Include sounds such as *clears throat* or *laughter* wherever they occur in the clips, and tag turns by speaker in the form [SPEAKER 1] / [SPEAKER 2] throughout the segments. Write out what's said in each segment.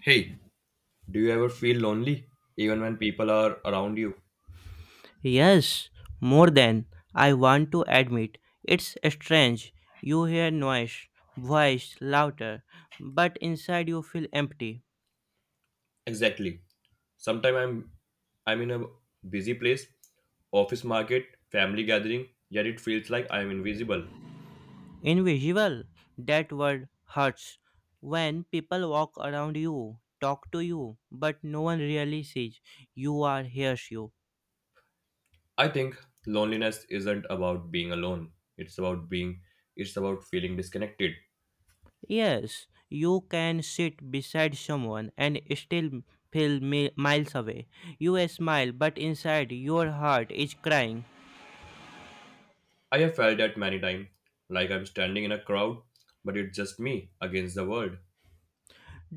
[SPEAKER 1] Hey, do you ever feel lonely even when people are around you?
[SPEAKER 2] Yes, more than I want to admit. It's strange. You hear noise, voice, laughter, but inside you feel empty,
[SPEAKER 1] Exactly. Sometimes I'm in a busy place, office market, family gathering, yet it feels like I'm invisible.
[SPEAKER 2] invisible. That word hurts. When people walk around you, talk to you, but no one really sees you or hears you.
[SPEAKER 1] I think loneliness isn't about being alone. It's about being it's about feeling disconnected.
[SPEAKER 2] Yes, you can sit beside someone and still feel miles away. You smile, but inside your heart is crying.
[SPEAKER 1] I have felt that many times, like I'm standing in a crowd, but it's just me against the world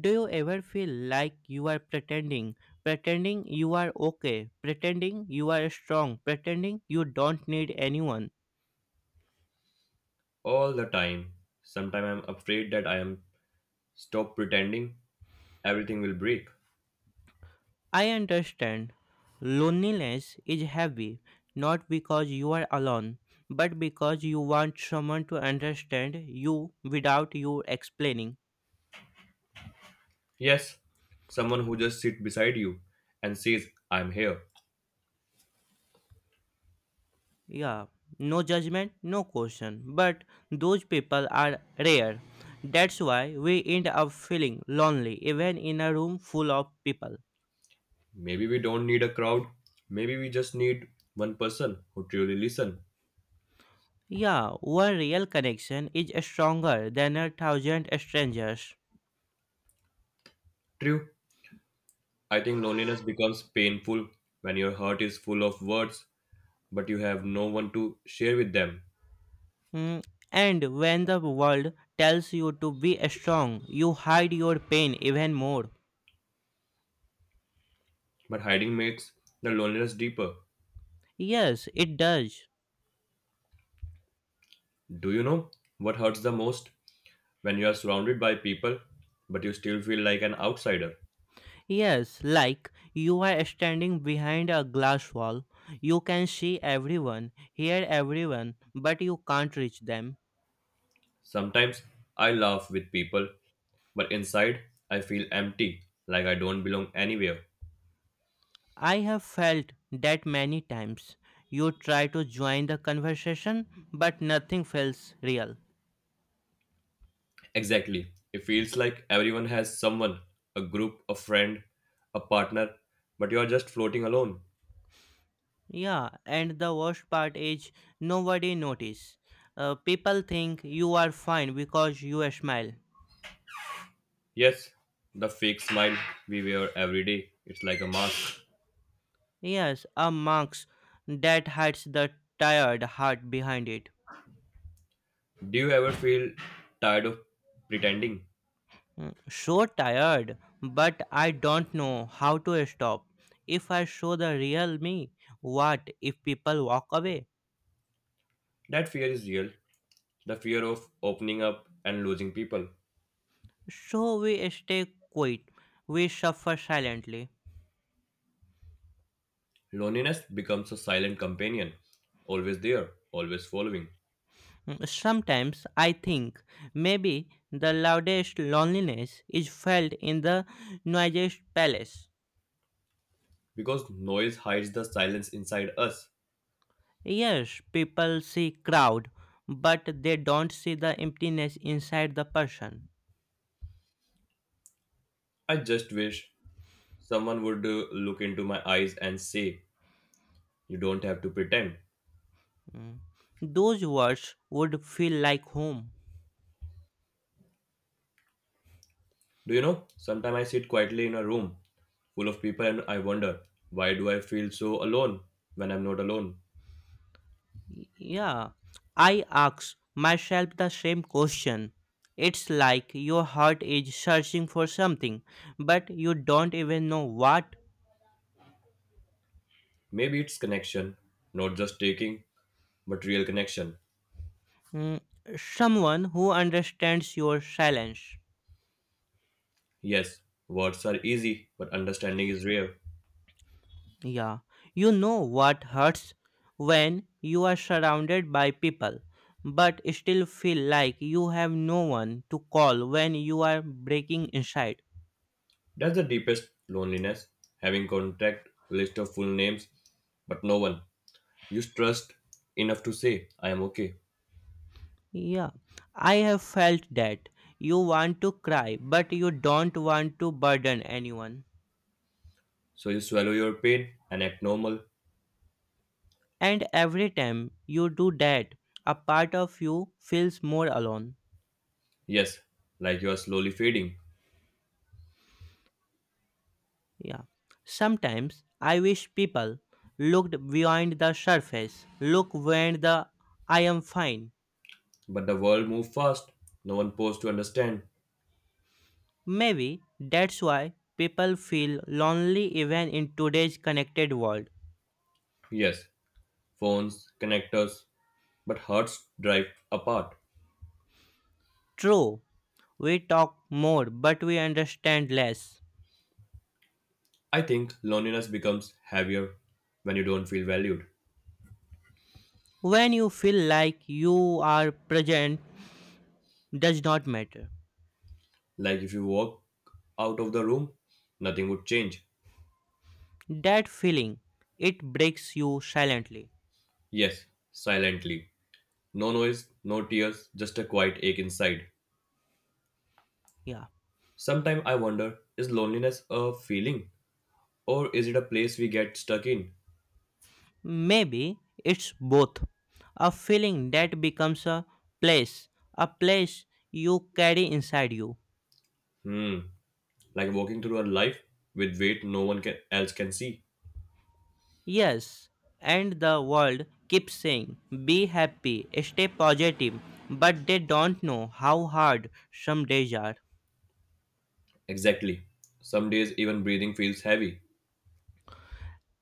[SPEAKER 2] Do you ever feel like you are pretending? Pretending you are okay, pretending you are strong, pretending you don't need anyone.
[SPEAKER 1] all the time. Sometimes I'm afraid that I am stop pretending everything will break.
[SPEAKER 2] I understand. Loneliness is heavy, not because you are alone, but because you want someone to understand you without you explaining.
[SPEAKER 1] Yes, someone who just sit beside you and says, I'm here.
[SPEAKER 2] Yeah, no judgment, no question, but those people are rare. That's why we end up feeling lonely even in a room full of people.
[SPEAKER 1] Maybe we don't need a crowd. Maybe we just need one person who truly listen.
[SPEAKER 2] Yeah, one real connection is stronger than a thousand strangers.
[SPEAKER 1] True, I think loneliness becomes painful when your heart is full of words, but you have no one to share with them.
[SPEAKER 2] Mm, and when the world tells you to be strong, you hide your pain even more.
[SPEAKER 1] But hiding makes the loneliness deeper.
[SPEAKER 2] Yes, it does.
[SPEAKER 1] Do you know what hurts the most? When you are surrounded by people, but you still feel like an outsider.
[SPEAKER 2] Yes, like you are standing behind a glass wall. You can see everyone, hear everyone, but you can't reach them.
[SPEAKER 1] Sometimes I laugh with people. But inside, I feel empty, like I don't belong anywhere.
[SPEAKER 2] I have felt that many times. You try to join the conversation, but nothing feels real.
[SPEAKER 1] Exactly. It feels like everyone has someone, a group, a friend, a partner, but you're just floating alone.
[SPEAKER 2] Yeah, and the worst part is nobody notice. People think you are fine because you smile.
[SPEAKER 1] Yes, the fake smile we wear every day. It's like a mask.
[SPEAKER 2] Yes, a mask that hides the tired heart behind it.
[SPEAKER 1] Do you ever feel tired of pretending?
[SPEAKER 2] So tired, but I don't know how to stop. If I show the real me, what if people walk away?
[SPEAKER 1] That fear is real. The fear of opening up and losing people.
[SPEAKER 2] So we stay quiet. We suffer silently.
[SPEAKER 1] Loneliness becomes a silent companion, always there, always following.
[SPEAKER 2] Sometimes I think maybe the loudest loneliness is felt in the noisiest palace.
[SPEAKER 1] Because noise hides the silence inside us.
[SPEAKER 2] Yes, people see crowd, but they don't see the emptiness inside the person.
[SPEAKER 1] I just wish someone would look into my eyes and say, you don't have to pretend.
[SPEAKER 2] Mm. Those words would feel like home.
[SPEAKER 1] Do you know? Sometimes I sit quietly in a room full of people and I wonder, why do I feel so alone when I'm not alone?
[SPEAKER 2] Yeah, I ask myself the same question. It's like your heart is searching for something, but you don't even know what.
[SPEAKER 1] Maybe it's connection, not just taking, but real connection.
[SPEAKER 2] Mm, someone who understands your silence.
[SPEAKER 1] Yes, words are easy, but understanding is rare.
[SPEAKER 2] Yeah, you know what hurts when you are surrounded by people, but still feel like you have no one to call when you are breaking inside.
[SPEAKER 1] That's the deepest loneliness, having contact, list of full names, but no one you trust enough to say, I am okay.
[SPEAKER 2] Yeah, I have felt that. You want to cry, but you don't want to burden anyone.
[SPEAKER 1] So you swallow your pain and act normal.
[SPEAKER 2] And every time you do that, a part of you feels more alone.
[SPEAKER 1] Yes, like you are slowly fading.
[SPEAKER 2] Yeah. Sometimes I wish people looked beyond the surface, look beyond the I am fine.
[SPEAKER 1] But the world moves fast. No one paused to understand.
[SPEAKER 2] Maybe that's why people feel lonely even in today's connected world.
[SPEAKER 1] Yes, phones, connectors, but hearts drive apart.
[SPEAKER 2] True, we talk more but we understand less.
[SPEAKER 1] I think loneliness becomes heavier when you don't feel valued.
[SPEAKER 2] When you feel like you are present does not matter.
[SPEAKER 1] Like if you walk out of the room, nothing would change.
[SPEAKER 2] That feeling it breaks you silently.
[SPEAKER 1] Yes, silently. No noise, no tears, just a quiet ache inside.
[SPEAKER 2] Yeah.
[SPEAKER 1] Sometimes I wonder, is loneliness a feeling or is it a place we get stuck in?
[SPEAKER 2] Maybe it's both. A feeling that becomes place, a place you carry inside you.
[SPEAKER 1] Hmm. Like walking through a life with weight no one can, else can see.
[SPEAKER 2] Yes, and the world keeps saying, be happy, stay positive, but they don't know how hard some days are.
[SPEAKER 1] Exactly. Some days even breathing feels heavy.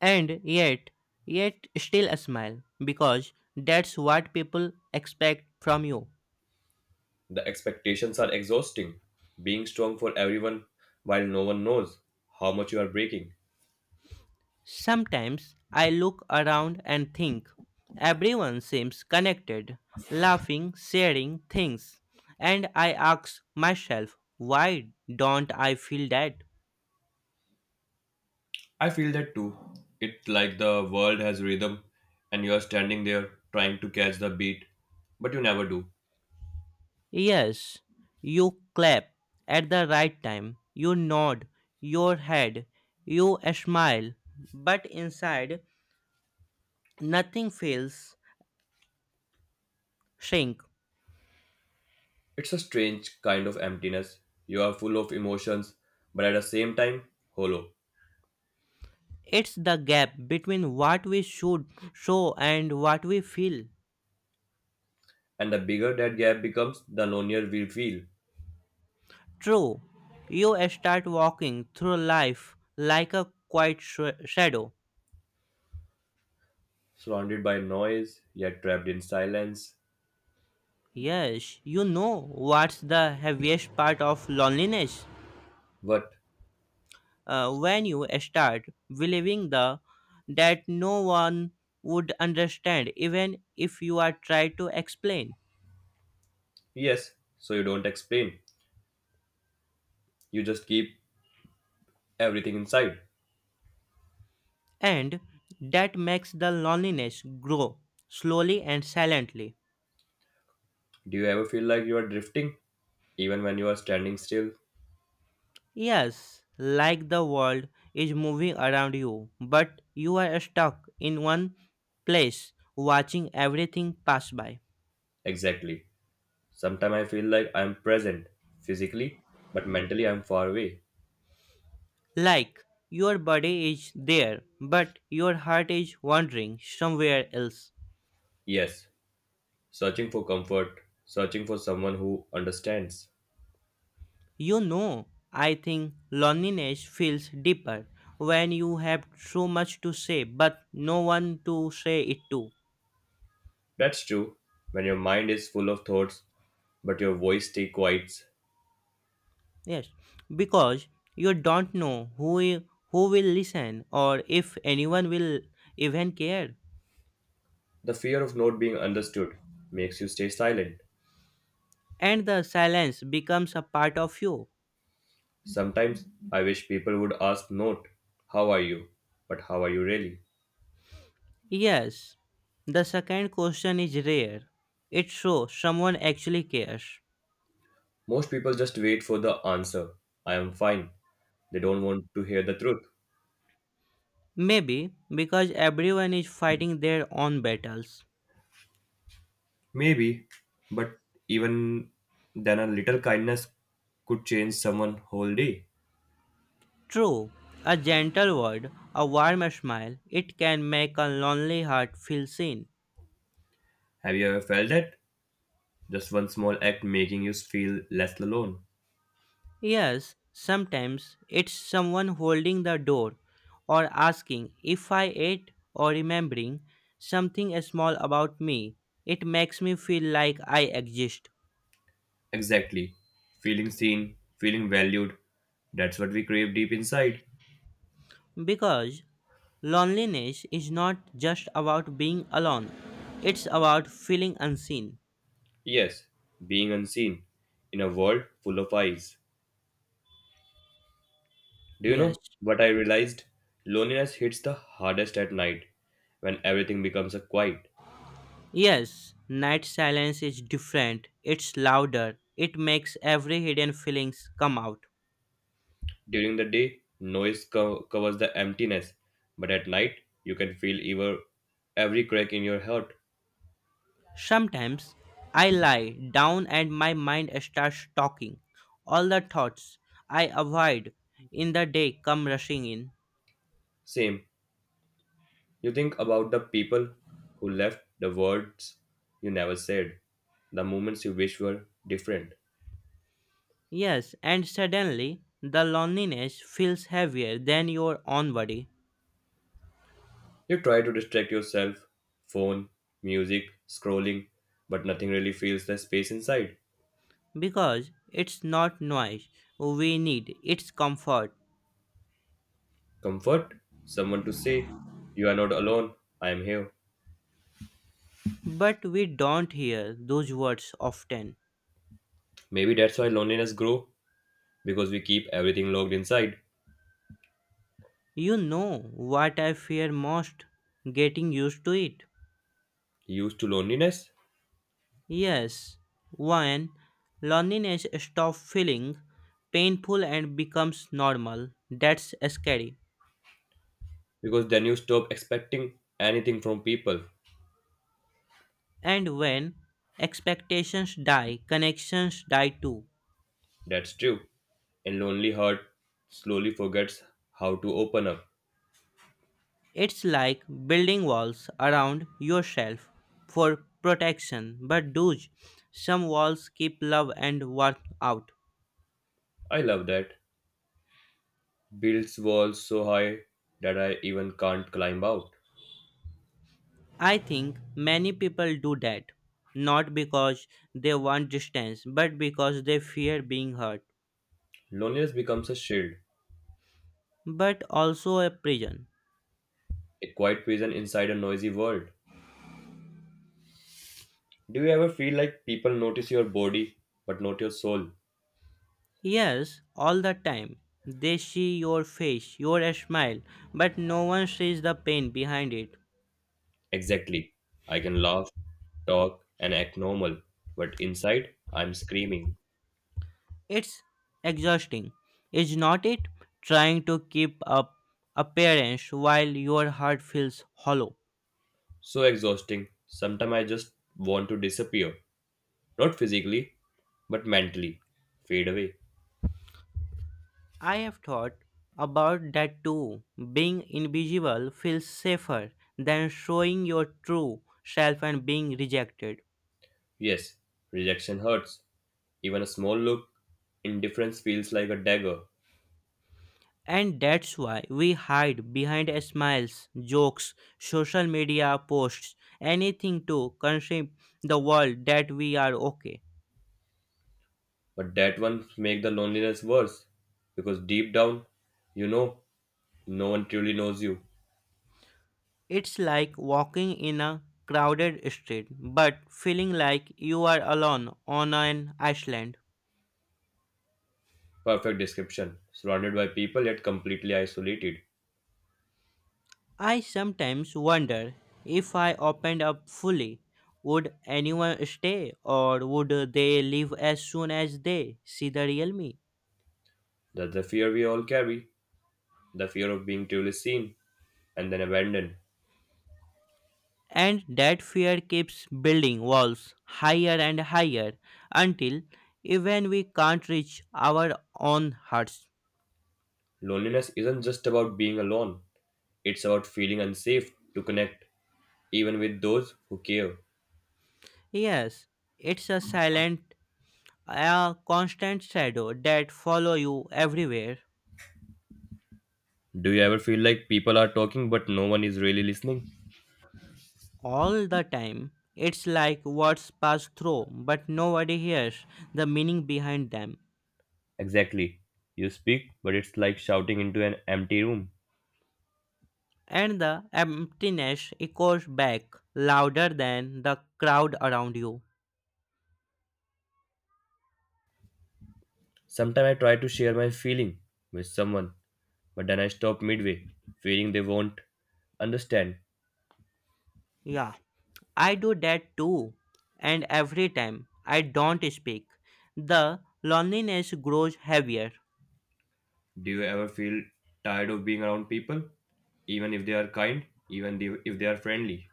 [SPEAKER 2] And yet, yet still a smile, because that's what people expect from you.
[SPEAKER 1] The expectations are exhausting. Being strong for everyone while no one knows how much you are breaking.
[SPEAKER 2] Sometimes I look around and think everyone seems connected, laughing, sharing things, and I ask myself, why don't I feel that?
[SPEAKER 1] I feel that too. It's like the world has rhythm and you are standing there trying to catch the beat, but you never do.
[SPEAKER 2] Yes, you clap at the right time, you nod your head, you smile, but inside nothing feels shrink.
[SPEAKER 1] It's a strange kind of emptiness. You are full of emotions, but at the same time, hollow.
[SPEAKER 2] It's the gap between what we should show and what we feel.
[SPEAKER 1] And the bigger that gap becomes, the lonelier we feel.
[SPEAKER 2] True, you start walking through life like a quiet shadow.
[SPEAKER 1] Surrounded by noise, yet trapped in silence.
[SPEAKER 2] Yes, you know what's the heaviest part of loneliness.
[SPEAKER 1] What?
[SPEAKER 2] When you start believing the that no one would understand even if you are trying to explain,
[SPEAKER 1] Yes, so you don't explain. You just keep everything inside.
[SPEAKER 2] and that makes the loneliness grow slowly and silently.
[SPEAKER 1] Do you ever feel like you are drifting, even when you are standing still?
[SPEAKER 2] Yes, like the world is moving around you, but you are stuck in one place watching everything pass by.
[SPEAKER 1] Exactly. Sometimes I feel like I am present, physically, but mentally I am far away.
[SPEAKER 2] Like your body is there, but your heart is wandering somewhere else.
[SPEAKER 1] Yes, searching for comfort, searching for someone who understands.
[SPEAKER 2] You know, I think loneliness feels deeper when you have so much to say, but no one to say it to.
[SPEAKER 1] That's true. When your mind is full of thoughts, but your voice stays quiet,
[SPEAKER 2] Yes, because you don't know who will listen or if anyone will even care,
[SPEAKER 1] the fear of not being understood makes you stay silent.
[SPEAKER 2] and the silence becomes a part of you.
[SPEAKER 1] Sometimes I wish people would ask not how are you, but how are you really?
[SPEAKER 2] Yes, the second question is rare. It shows someone actually cares.
[SPEAKER 1] Most people just wait for the answer. I am fine. They don't want to hear the truth.
[SPEAKER 2] Maybe because everyone is fighting their own battles.
[SPEAKER 1] Maybe, but even then, a little kindness could change someone whole day.
[SPEAKER 2] True, a gentle word, a warm smile, it can make a lonely heart feel seen.
[SPEAKER 1] Have you ever felt that? Just one small act making you feel less alone.
[SPEAKER 2] Yes, sometimes it's someone holding the door or asking if I ate or remembering something small about me. It makes me feel like I exist.
[SPEAKER 1] Exactly. Feeling seen, feeling valued. That's what we crave deep inside.
[SPEAKER 2] Because loneliness is not just about being alone, it's about feeling unseen.
[SPEAKER 1] Yes, being unseen in a world full of eyes. Do you
[SPEAKER 2] Yes.
[SPEAKER 1] know what I realized? Loneliness hits the hardest at night when everything becomes a quiet.
[SPEAKER 2] Yes, night silence is different. It's louder. It makes every hidden feelings come out.
[SPEAKER 1] During the day, covers the emptiness, but at night, you can every crack in your heart.
[SPEAKER 2] Sometimes I lie down and my mind starts talking. All the thoughts I avoid in the day come rushing in.
[SPEAKER 1] Same, you think about the people who left, the words you never said, the moments you wish were different.
[SPEAKER 2] Yes, and suddenly the loneliness feels heavier than your own body
[SPEAKER 1] You try to distract yourself, phone, music, scrolling, but nothing really fills the space inside.
[SPEAKER 2] because it's not noise we need, it's comfort.
[SPEAKER 1] Comfort, someone to say, you are not alone, I am here.
[SPEAKER 2] But we don't hear those words often.
[SPEAKER 1] Maybe that's why loneliness grow, because we keep everything locked inside.
[SPEAKER 2] You know what I fear most getting used to it.
[SPEAKER 1] Used to loneliness,
[SPEAKER 2] Yes, when loneliness stops feeling painful and becomes normal, that's scary.
[SPEAKER 1] because then you stop expecting anything from people.
[SPEAKER 2] And when expectations die, connections die too.
[SPEAKER 1] That's true. And lonely heart slowly forgets how to open up.
[SPEAKER 2] It's like building walls around yourself for protection, but dude, some walls keep love and warmth out.
[SPEAKER 1] I love that. Builds walls so high that I even can't climb out.
[SPEAKER 2] I think many people do that, not because they want distance, but because they fear being hurt.
[SPEAKER 1] Loneliness becomes a shield,
[SPEAKER 2] But also a prison.
[SPEAKER 1] a quiet prison inside a noisy world. Do you ever feel like people notice your body but not your soul?
[SPEAKER 2] Yes, all the time. They see your face, your smile, but no one sees the pain behind it.
[SPEAKER 1] Exactly. I can laugh, talk, and act normal, but inside, I'm screaming.
[SPEAKER 2] It's exhausting, is not it? Trying to keep up appearance while your heart feels hollow.
[SPEAKER 1] So exhausting. Sometimes I just want to disappear. Not physically, but mentally. Fade away.
[SPEAKER 2] I have thought about that too. Being invisible feels safer than showing your true self and being rejected.
[SPEAKER 1] Yes, rejection hurts. Even a small look, indifference feels like a dagger.
[SPEAKER 2] And that's why we hide behind smiles, jokes, social media posts, anything to convince the world that we are okay.
[SPEAKER 1] But that one makes the loneliness worse. Because deep down, you know, no one truly knows you.
[SPEAKER 2] It's like walking in a crowded street but feeling like you are alone on an island.
[SPEAKER 1] Perfect description. Surrounded by people yet completely isolated.
[SPEAKER 2] I sometimes wonder if I opened up fully, would anyone stay or would they leave as soon as they see the real me?
[SPEAKER 1] That's the fear we all carry, the fear of being truly seen and then abandoned.
[SPEAKER 2] And that fear keeps building walls higher and higher until even we can't reach our own hearts.
[SPEAKER 1] Loneliness isn't just about being alone, it's about feeling unsafe to connect, even with those who care.
[SPEAKER 2] Yes, it's a silent, a constant shadow that follow you everywhere,
[SPEAKER 1] Do you ever feel like people are talking but no one is really listening?
[SPEAKER 2] all the time. It's like words pass through, but nobody hears the meaning behind them.
[SPEAKER 1] Exactly. You speak, but it's like shouting into an empty room.
[SPEAKER 2] And the emptiness echoes back louder than the crowd around you.
[SPEAKER 1] Sometimes I try to share my feeling with someone, but then I stop midway, feeling they won't understand.
[SPEAKER 2] Yeah, I do that too. And every time I don't speak, the loneliness grows heavier.
[SPEAKER 1] Do you ever feel tired of being around people, even if they are kind, if they are friendly?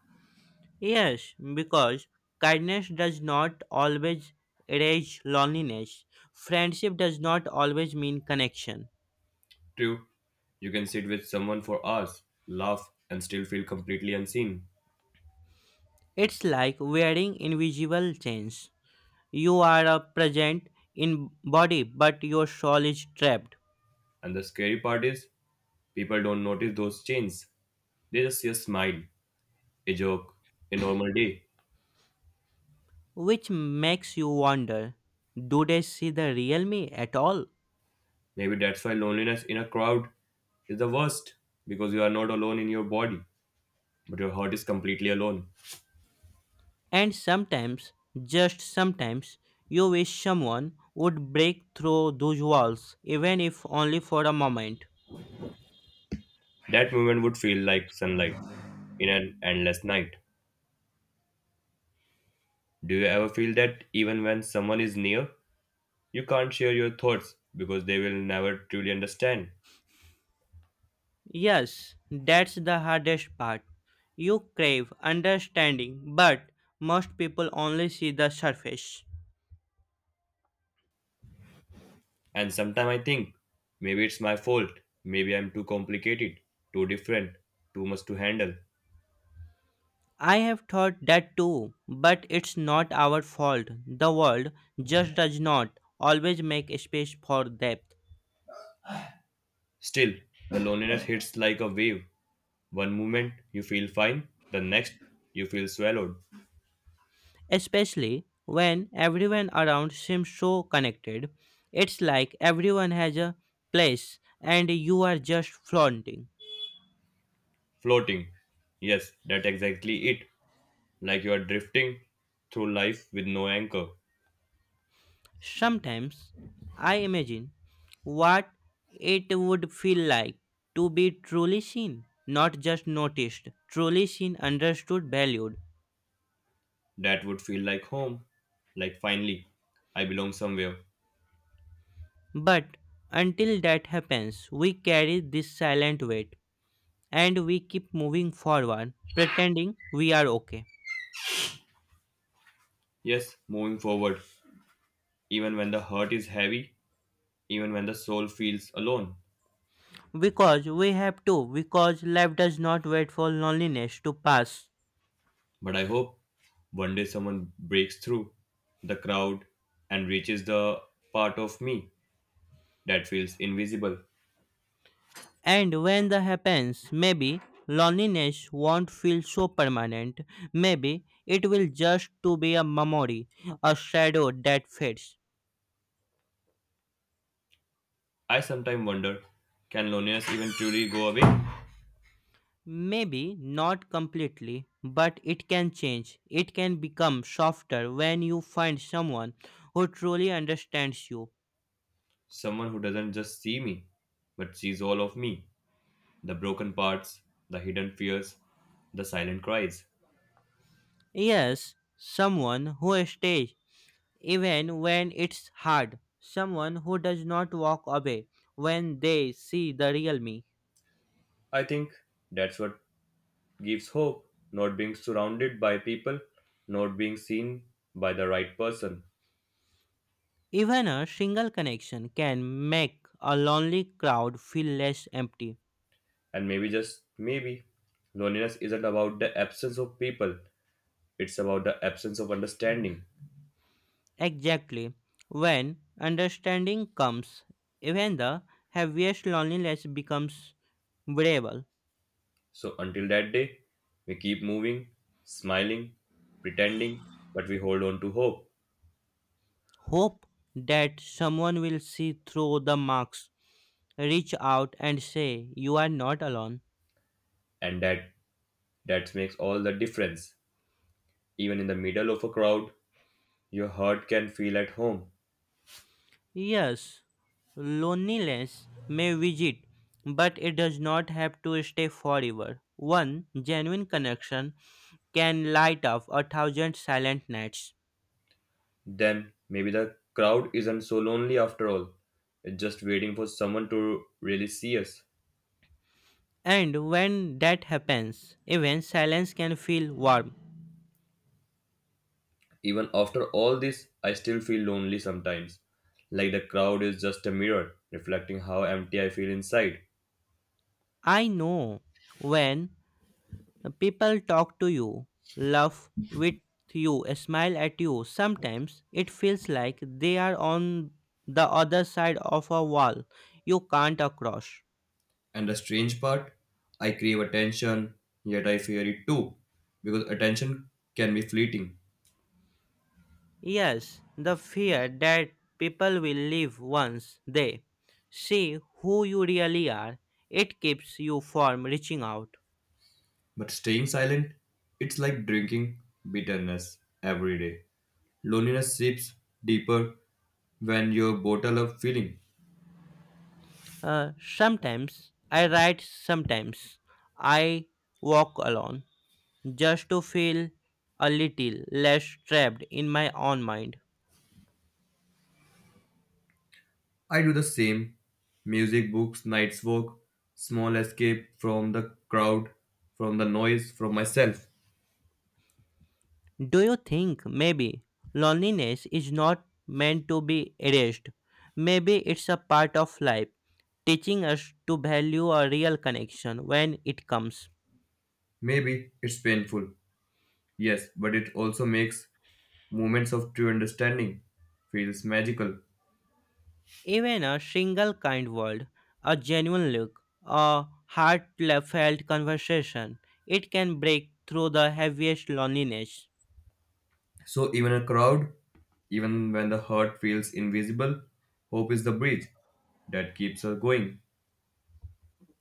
[SPEAKER 2] Yes, because kindness does not always erase loneliness. Friendship does not always mean connection.
[SPEAKER 1] True, you can sit with someone for hours, laugh, and still feel completely unseen.
[SPEAKER 2] It's like wearing invisible chains. You are present in body, but your soul is trapped,
[SPEAKER 1] And the scary part is, people don't notice those changes. They just see a smile, a joke, a normal day.
[SPEAKER 2] which makes you wonder do they see the real me at all?
[SPEAKER 1] Maybe that's why loneliness in a crowd is the worst, because you are not alone in your body, but your heart is completely alone.
[SPEAKER 2] And sometimes, just sometimes, you wish someone would break through those walls, even if only for a moment.
[SPEAKER 1] That moment would feel like sunlight in an endless night. Do you ever feel that even when someone is near, you can't share your thoughts because they will never truly understand?
[SPEAKER 2] Yes, that's the hardest part. You crave understanding, but most people only see the surface.
[SPEAKER 1] And sometimes I think maybe it's my fault. Maybe I'm too complicated, too different, too much to handle.
[SPEAKER 2] I have thought that too, but it's not our fault. The world just does not always make space for depth.
[SPEAKER 1] Still, the loneliness hits like a wave. One moment you feel fine, the next you feel swallowed,
[SPEAKER 2] Especially when everyone around seems so connected. It's like everyone has a place and you are just flaunting.
[SPEAKER 1] floating. Yes, that's exactly it. Like you are drifting through life with no anchor.
[SPEAKER 2] Sometimes I imagine what it would feel like to be truly seen, not just noticed, truly seen, understood, valued.
[SPEAKER 1] That would feel like home. Like finally, I belong somewhere.
[SPEAKER 2] But until that happens, we carry this silent weight and we keep moving forward, pretending we are okay.
[SPEAKER 1] Yes, moving forward. Even when the hurt is heavy, even when the soul feels alone.
[SPEAKER 2] Because we have to, because life does not wait for loneliness to pass.
[SPEAKER 1] But I hope one day someone breaks through the crowd and reaches the part of me that feels invisible.
[SPEAKER 2] And when that happens, maybe loneliness won't feel so permanent. Maybe it will just to be a memory, a shadow that fades.
[SPEAKER 1] I sometimes wonder, can loneliness even truly go away?
[SPEAKER 2] Maybe not completely, but it can change. It can become softer when you find someone who truly understands you.
[SPEAKER 1] Someone who doesn't just see me, but sees all of me, the broken parts, the hidden fears, the silent cries.
[SPEAKER 2] Yes, someone who stays even when it's hard. Someone who does not walk away when they see the real me.
[SPEAKER 1] I think that's what gives hope, not being surrounded by people, not being seen by the right person.
[SPEAKER 2] Even a single connection can make a lonely crowd feel less empty.
[SPEAKER 1] And maybe just maybe, loneliness isn't about the absence of people, it's about the absence of understanding.
[SPEAKER 2] Exactly. When understanding comes, even the heaviest loneliness becomes bearable.
[SPEAKER 1] So until that day, we keep moving, smiling, pretending, but we hold on to hope.
[SPEAKER 2] Hope that someone will see through the marks, reach out and say, You are not alone.
[SPEAKER 1] And that that makes all the difference. Even in the middle of a crowd, your heart can feel at home.
[SPEAKER 2] Yes, loneliness may visit, but it does not have to stay forever. One genuine connection can light up a thousand silent nights.
[SPEAKER 1] Then maybe the crowd isn't so lonely after all. It's just waiting for someone to really see us.
[SPEAKER 2] And when that happens, even silence can feel warm.
[SPEAKER 1] Even after all this, I still feel lonely sometimes. Like the crowd is just a mirror, reflecting how empty I feel inside.
[SPEAKER 2] I know when people talk to you, laugh with you, smile at you, sometimes it feels like they are on the other side of a wall you can't cross.
[SPEAKER 1] And the strange part, I crave attention, yet I fear it too, because attention can be fleeting,
[SPEAKER 2] Yes, the fear that people will leave once they see who you really are, it keeps you from reaching out.
[SPEAKER 1] but staying silent, it's like drinking bitterness every day. Loneliness seeps deeper when you're bottle up feeling.
[SPEAKER 2] Sometimes I write, sometimes I walk alone just to feel a little less trapped in my own mind.
[SPEAKER 1] I do the same. Music, books, night's walk, small escape from the crowd, from the noise, from myself.
[SPEAKER 2] Do you think maybe loneliness is not meant to be erased? Maybe it's a part of life, teaching us to value a real connection when it comes.
[SPEAKER 1] Maybe it's painful, yes, but it also makes moments of true understanding feels magical.
[SPEAKER 2] Even a single kind word, a genuine look, a heartfelt conversation, it can break through the heaviest loneliness.
[SPEAKER 1] So even a crowd, even when the hurt feels invisible, hope is the bridge that keeps her going.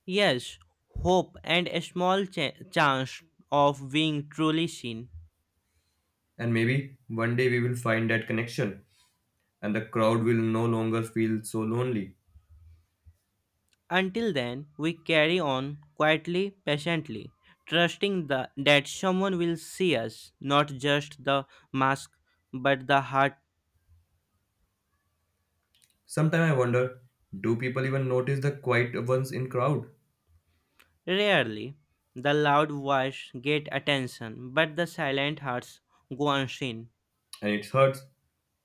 [SPEAKER 2] Yes, hope and a small chance of being truly seen.
[SPEAKER 1] And maybe one day we will find that connection and the crowd will no longer feel so lonely.
[SPEAKER 2] Until then, we carry on quietly, patiently, trusting the, that someone will see us, not just the mask, but the heart.
[SPEAKER 1] Sometimes I wonder, do people even notice the quiet ones in crowd?
[SPEAKER 2] Rarely, the loud voice get attention, but the silent hearts go unseen.
[SPEAKER 1] And it hurts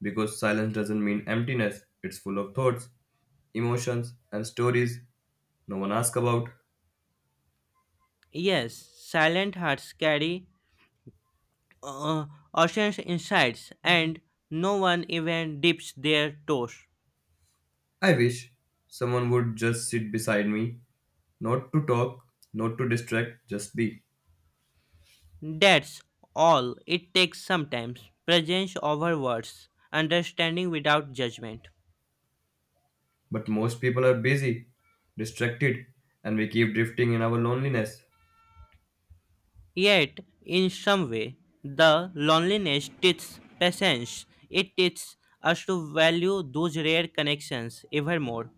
[SPEAKER 1] because silence doesn't mean emptiness. It's full of thoughts, emotions and stories no one asks about.
[SPEAKER 2] Yes, silent hearts carry uh, oceans insights, and no one even dips their toes.
[SPEAKER 1] I wish someone would just sit beside me, not to talk, not to distract, just be.
[SPEAKER 2] That's all it takes sometimes presence over words, understanding without judgment.
[SPEAKER 1] But most people are busy, distracted, and we keep drifting in our loneliness.
[SPEAKER 2] Yet, in some way, the loneliness teaches patience. It teaches us to value those rare connections ever more.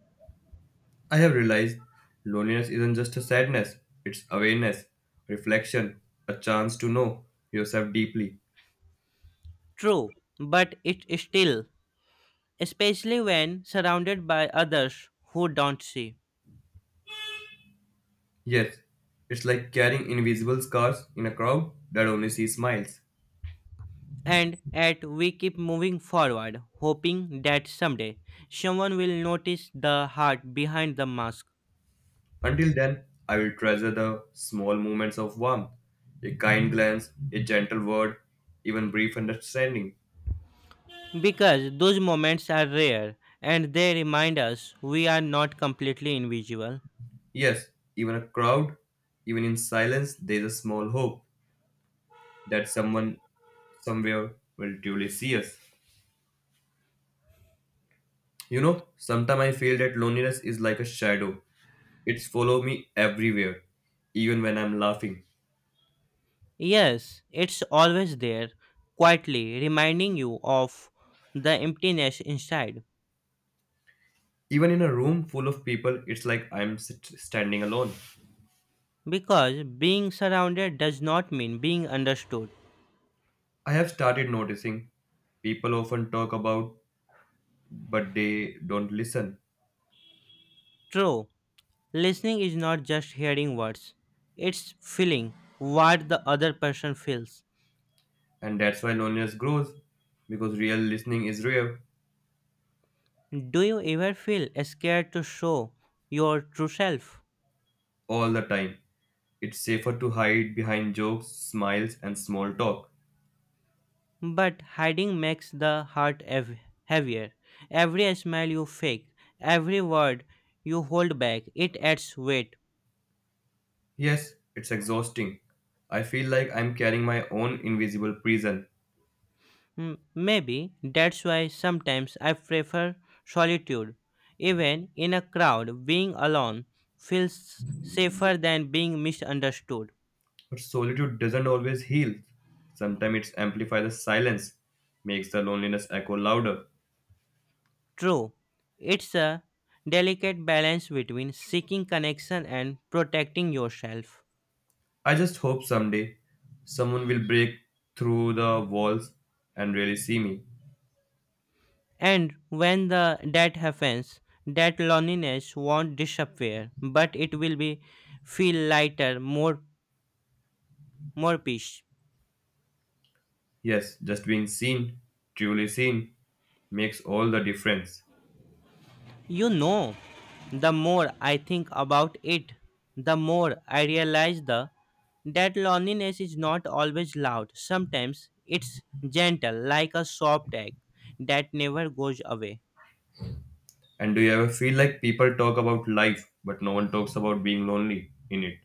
[SPEAKER 1] I have realized loneliness isn't just a sadness, it's awareness, reflection, a chance to know yourself deeply.
[SPEAKER 2] True, but it is still, especially when surrounded by others who don't see.
[SPEAKER 1] Yes, it's like carrying invisible scars in a crowd that only sees smiles.
[SPEAKER 2] And yet we keep moving forward, hoping that someday someone will notice the heart behind the mask.
[SPEAKER 1] Until then, I will treasure the small moments of warmth, a kind glance, a gentle word, even brief understanding.
[SPEAKER 2] Because those moments are rare and they remind us we are not completely invisible.
[SPEAKER 1] Yes, even a crowd, even in silence, there is a small hope that someone somewhere will truly see us. You know, sometimes I feel that loneliness is like a shadow. It's follow me everywhere, even when I'm laughing.
[SPEAKER 2] Yes, it's always there, quietly reminding you of the emptiness inside.
[SPEAKER 1] Even in a room full of people, it's like I'm sit- standing alone.
[SPEAKER 2] Because being surrounded does not mean being understood.
[SPEAKER 1] I have started noticing people often talk about but they don't listen.
[SPEAKER 2] True, listening is not just hearing words, it's feeling what the other person feels.
[SPEAKER 1] And that's why loneliness grows because real listening is rare
[SPEAKER 2] Do you ever feel scared to show your true self?
[SPEAKER 1] all the time. It's safer to hide behind jokes, smiles, and small talk.
[SPEAKER 2] But hiding makes the heart heavier. Every smile you fake, every word you hold back, it adds weight.
[SPEAKER 1] Yes, it's exhausting. I feel like I'm carrying my own invisible prison.
[SPEAKER 2] Mm, maybe that's why sometimes I prefer solitude. Even in a crowd, being alone feels safer than being misunderstood.
[SPEAKER 1] But solitude doesn't always heal. Sometimes it amplifies the silence, makes the loneliness echo louder.
[SPEAKER 2] True, it's a delicate balance between seeking connection and protecting yourself.
[SPEAKER 1] I just hope someday someone will break through the walls and really see me.
[SPEAKER 2] And when the that happens, that loneliness won't disappear, but it will be feel lighter, more more peace.
[SPEAKER 1] Yes, just being seen, truly seen, makes all the difference.
[SPEAKER 2] You know, the more I think about it, the more I realize the that loneliness is not always loud. Sometimes it's gentle, like a soft egg that never goes away.
[SPEAKER 1] And do you ever feel like people talk about life, but no one talks about being lonely in it?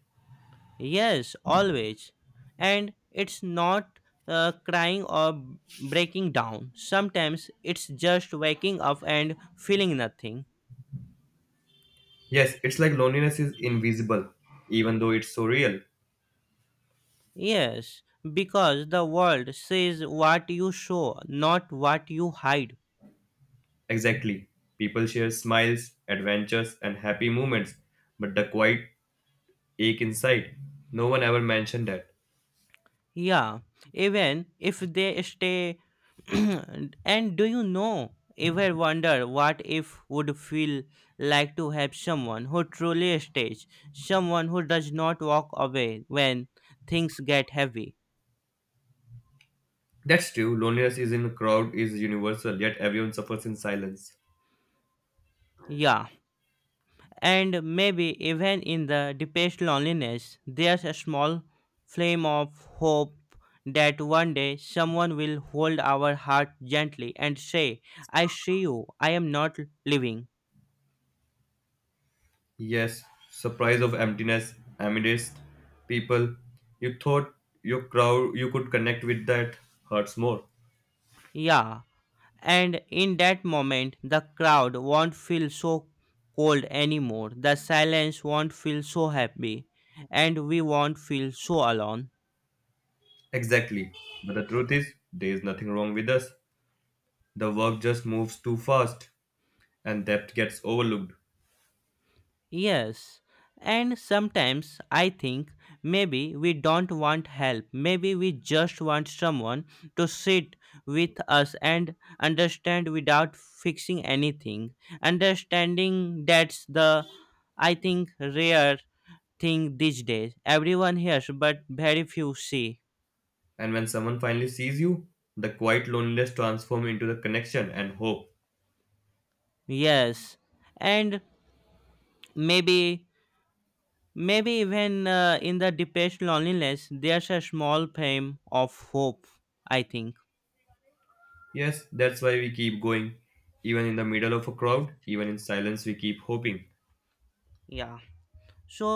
[SPEAKER 2] Yes, always. And it's not crying or breaking down. Sometimes it's just waking up and feeling nothing.
[SPEAKER 1] Yes, it's like loneliness is invisible, even though it's so real.
[SPEAKER 2] Yes, because the world says what you show, not what you hide.
[SPEAKER 1] Exactly. People share smiles, adventures, and happy moments, but the quiet ache inside, no one ever mentioned that.
[SPEAKER 2] Yeah, even if they stay. *clears throat* And do you know, ever wonder what if would feel like to have someone who truly stays, someone who does not walk away when things get heavy?
[SPEAKER 1] That's true, loneliness is in a crowd is universal, yet everyone suffers in silence.
[SPEAKER 2] Yeah, and maybe even in the deepest loneliness, there's a small flame of hope that one day someone will hold our heart gently and say, I see you, I am not leaving.
[SPEAKER 1] Yes, surprise of emptiness amidst people. You thought your crowd you could connect with that hurts more.
[SPEAKER 2] Yeah, and in that moment, the crowd won't feel so cold anymore. The silence won't feel so happy, and we won't feel so alone.
[SPEAKER 1] Exactly. But the truth is, there is nothing wrong with us. The work just moves too fast, and depth gets overlooked.
[SPEAKER 2] Yes, and sometimes I think maybe we don't want help. Maybe we just want someone to sit with us and understand without fixing anything. Understanding that's the, I think, rare thing these days. Everyone hears, but very few see.
[SPEAKER 1] And when someone finally sees you, the quiet loneliness transforms into the connection and hope.
[SPEAKER 2] Yes, and maybe, maybe even in the deepest loneliness, there's a small flame of hope. I think.
[SPEAKER 1] Yes, that's why we keep going. Even in the middle of a crowd, even in silence, we keep hoping.
[SPEAKER 2] 呀，说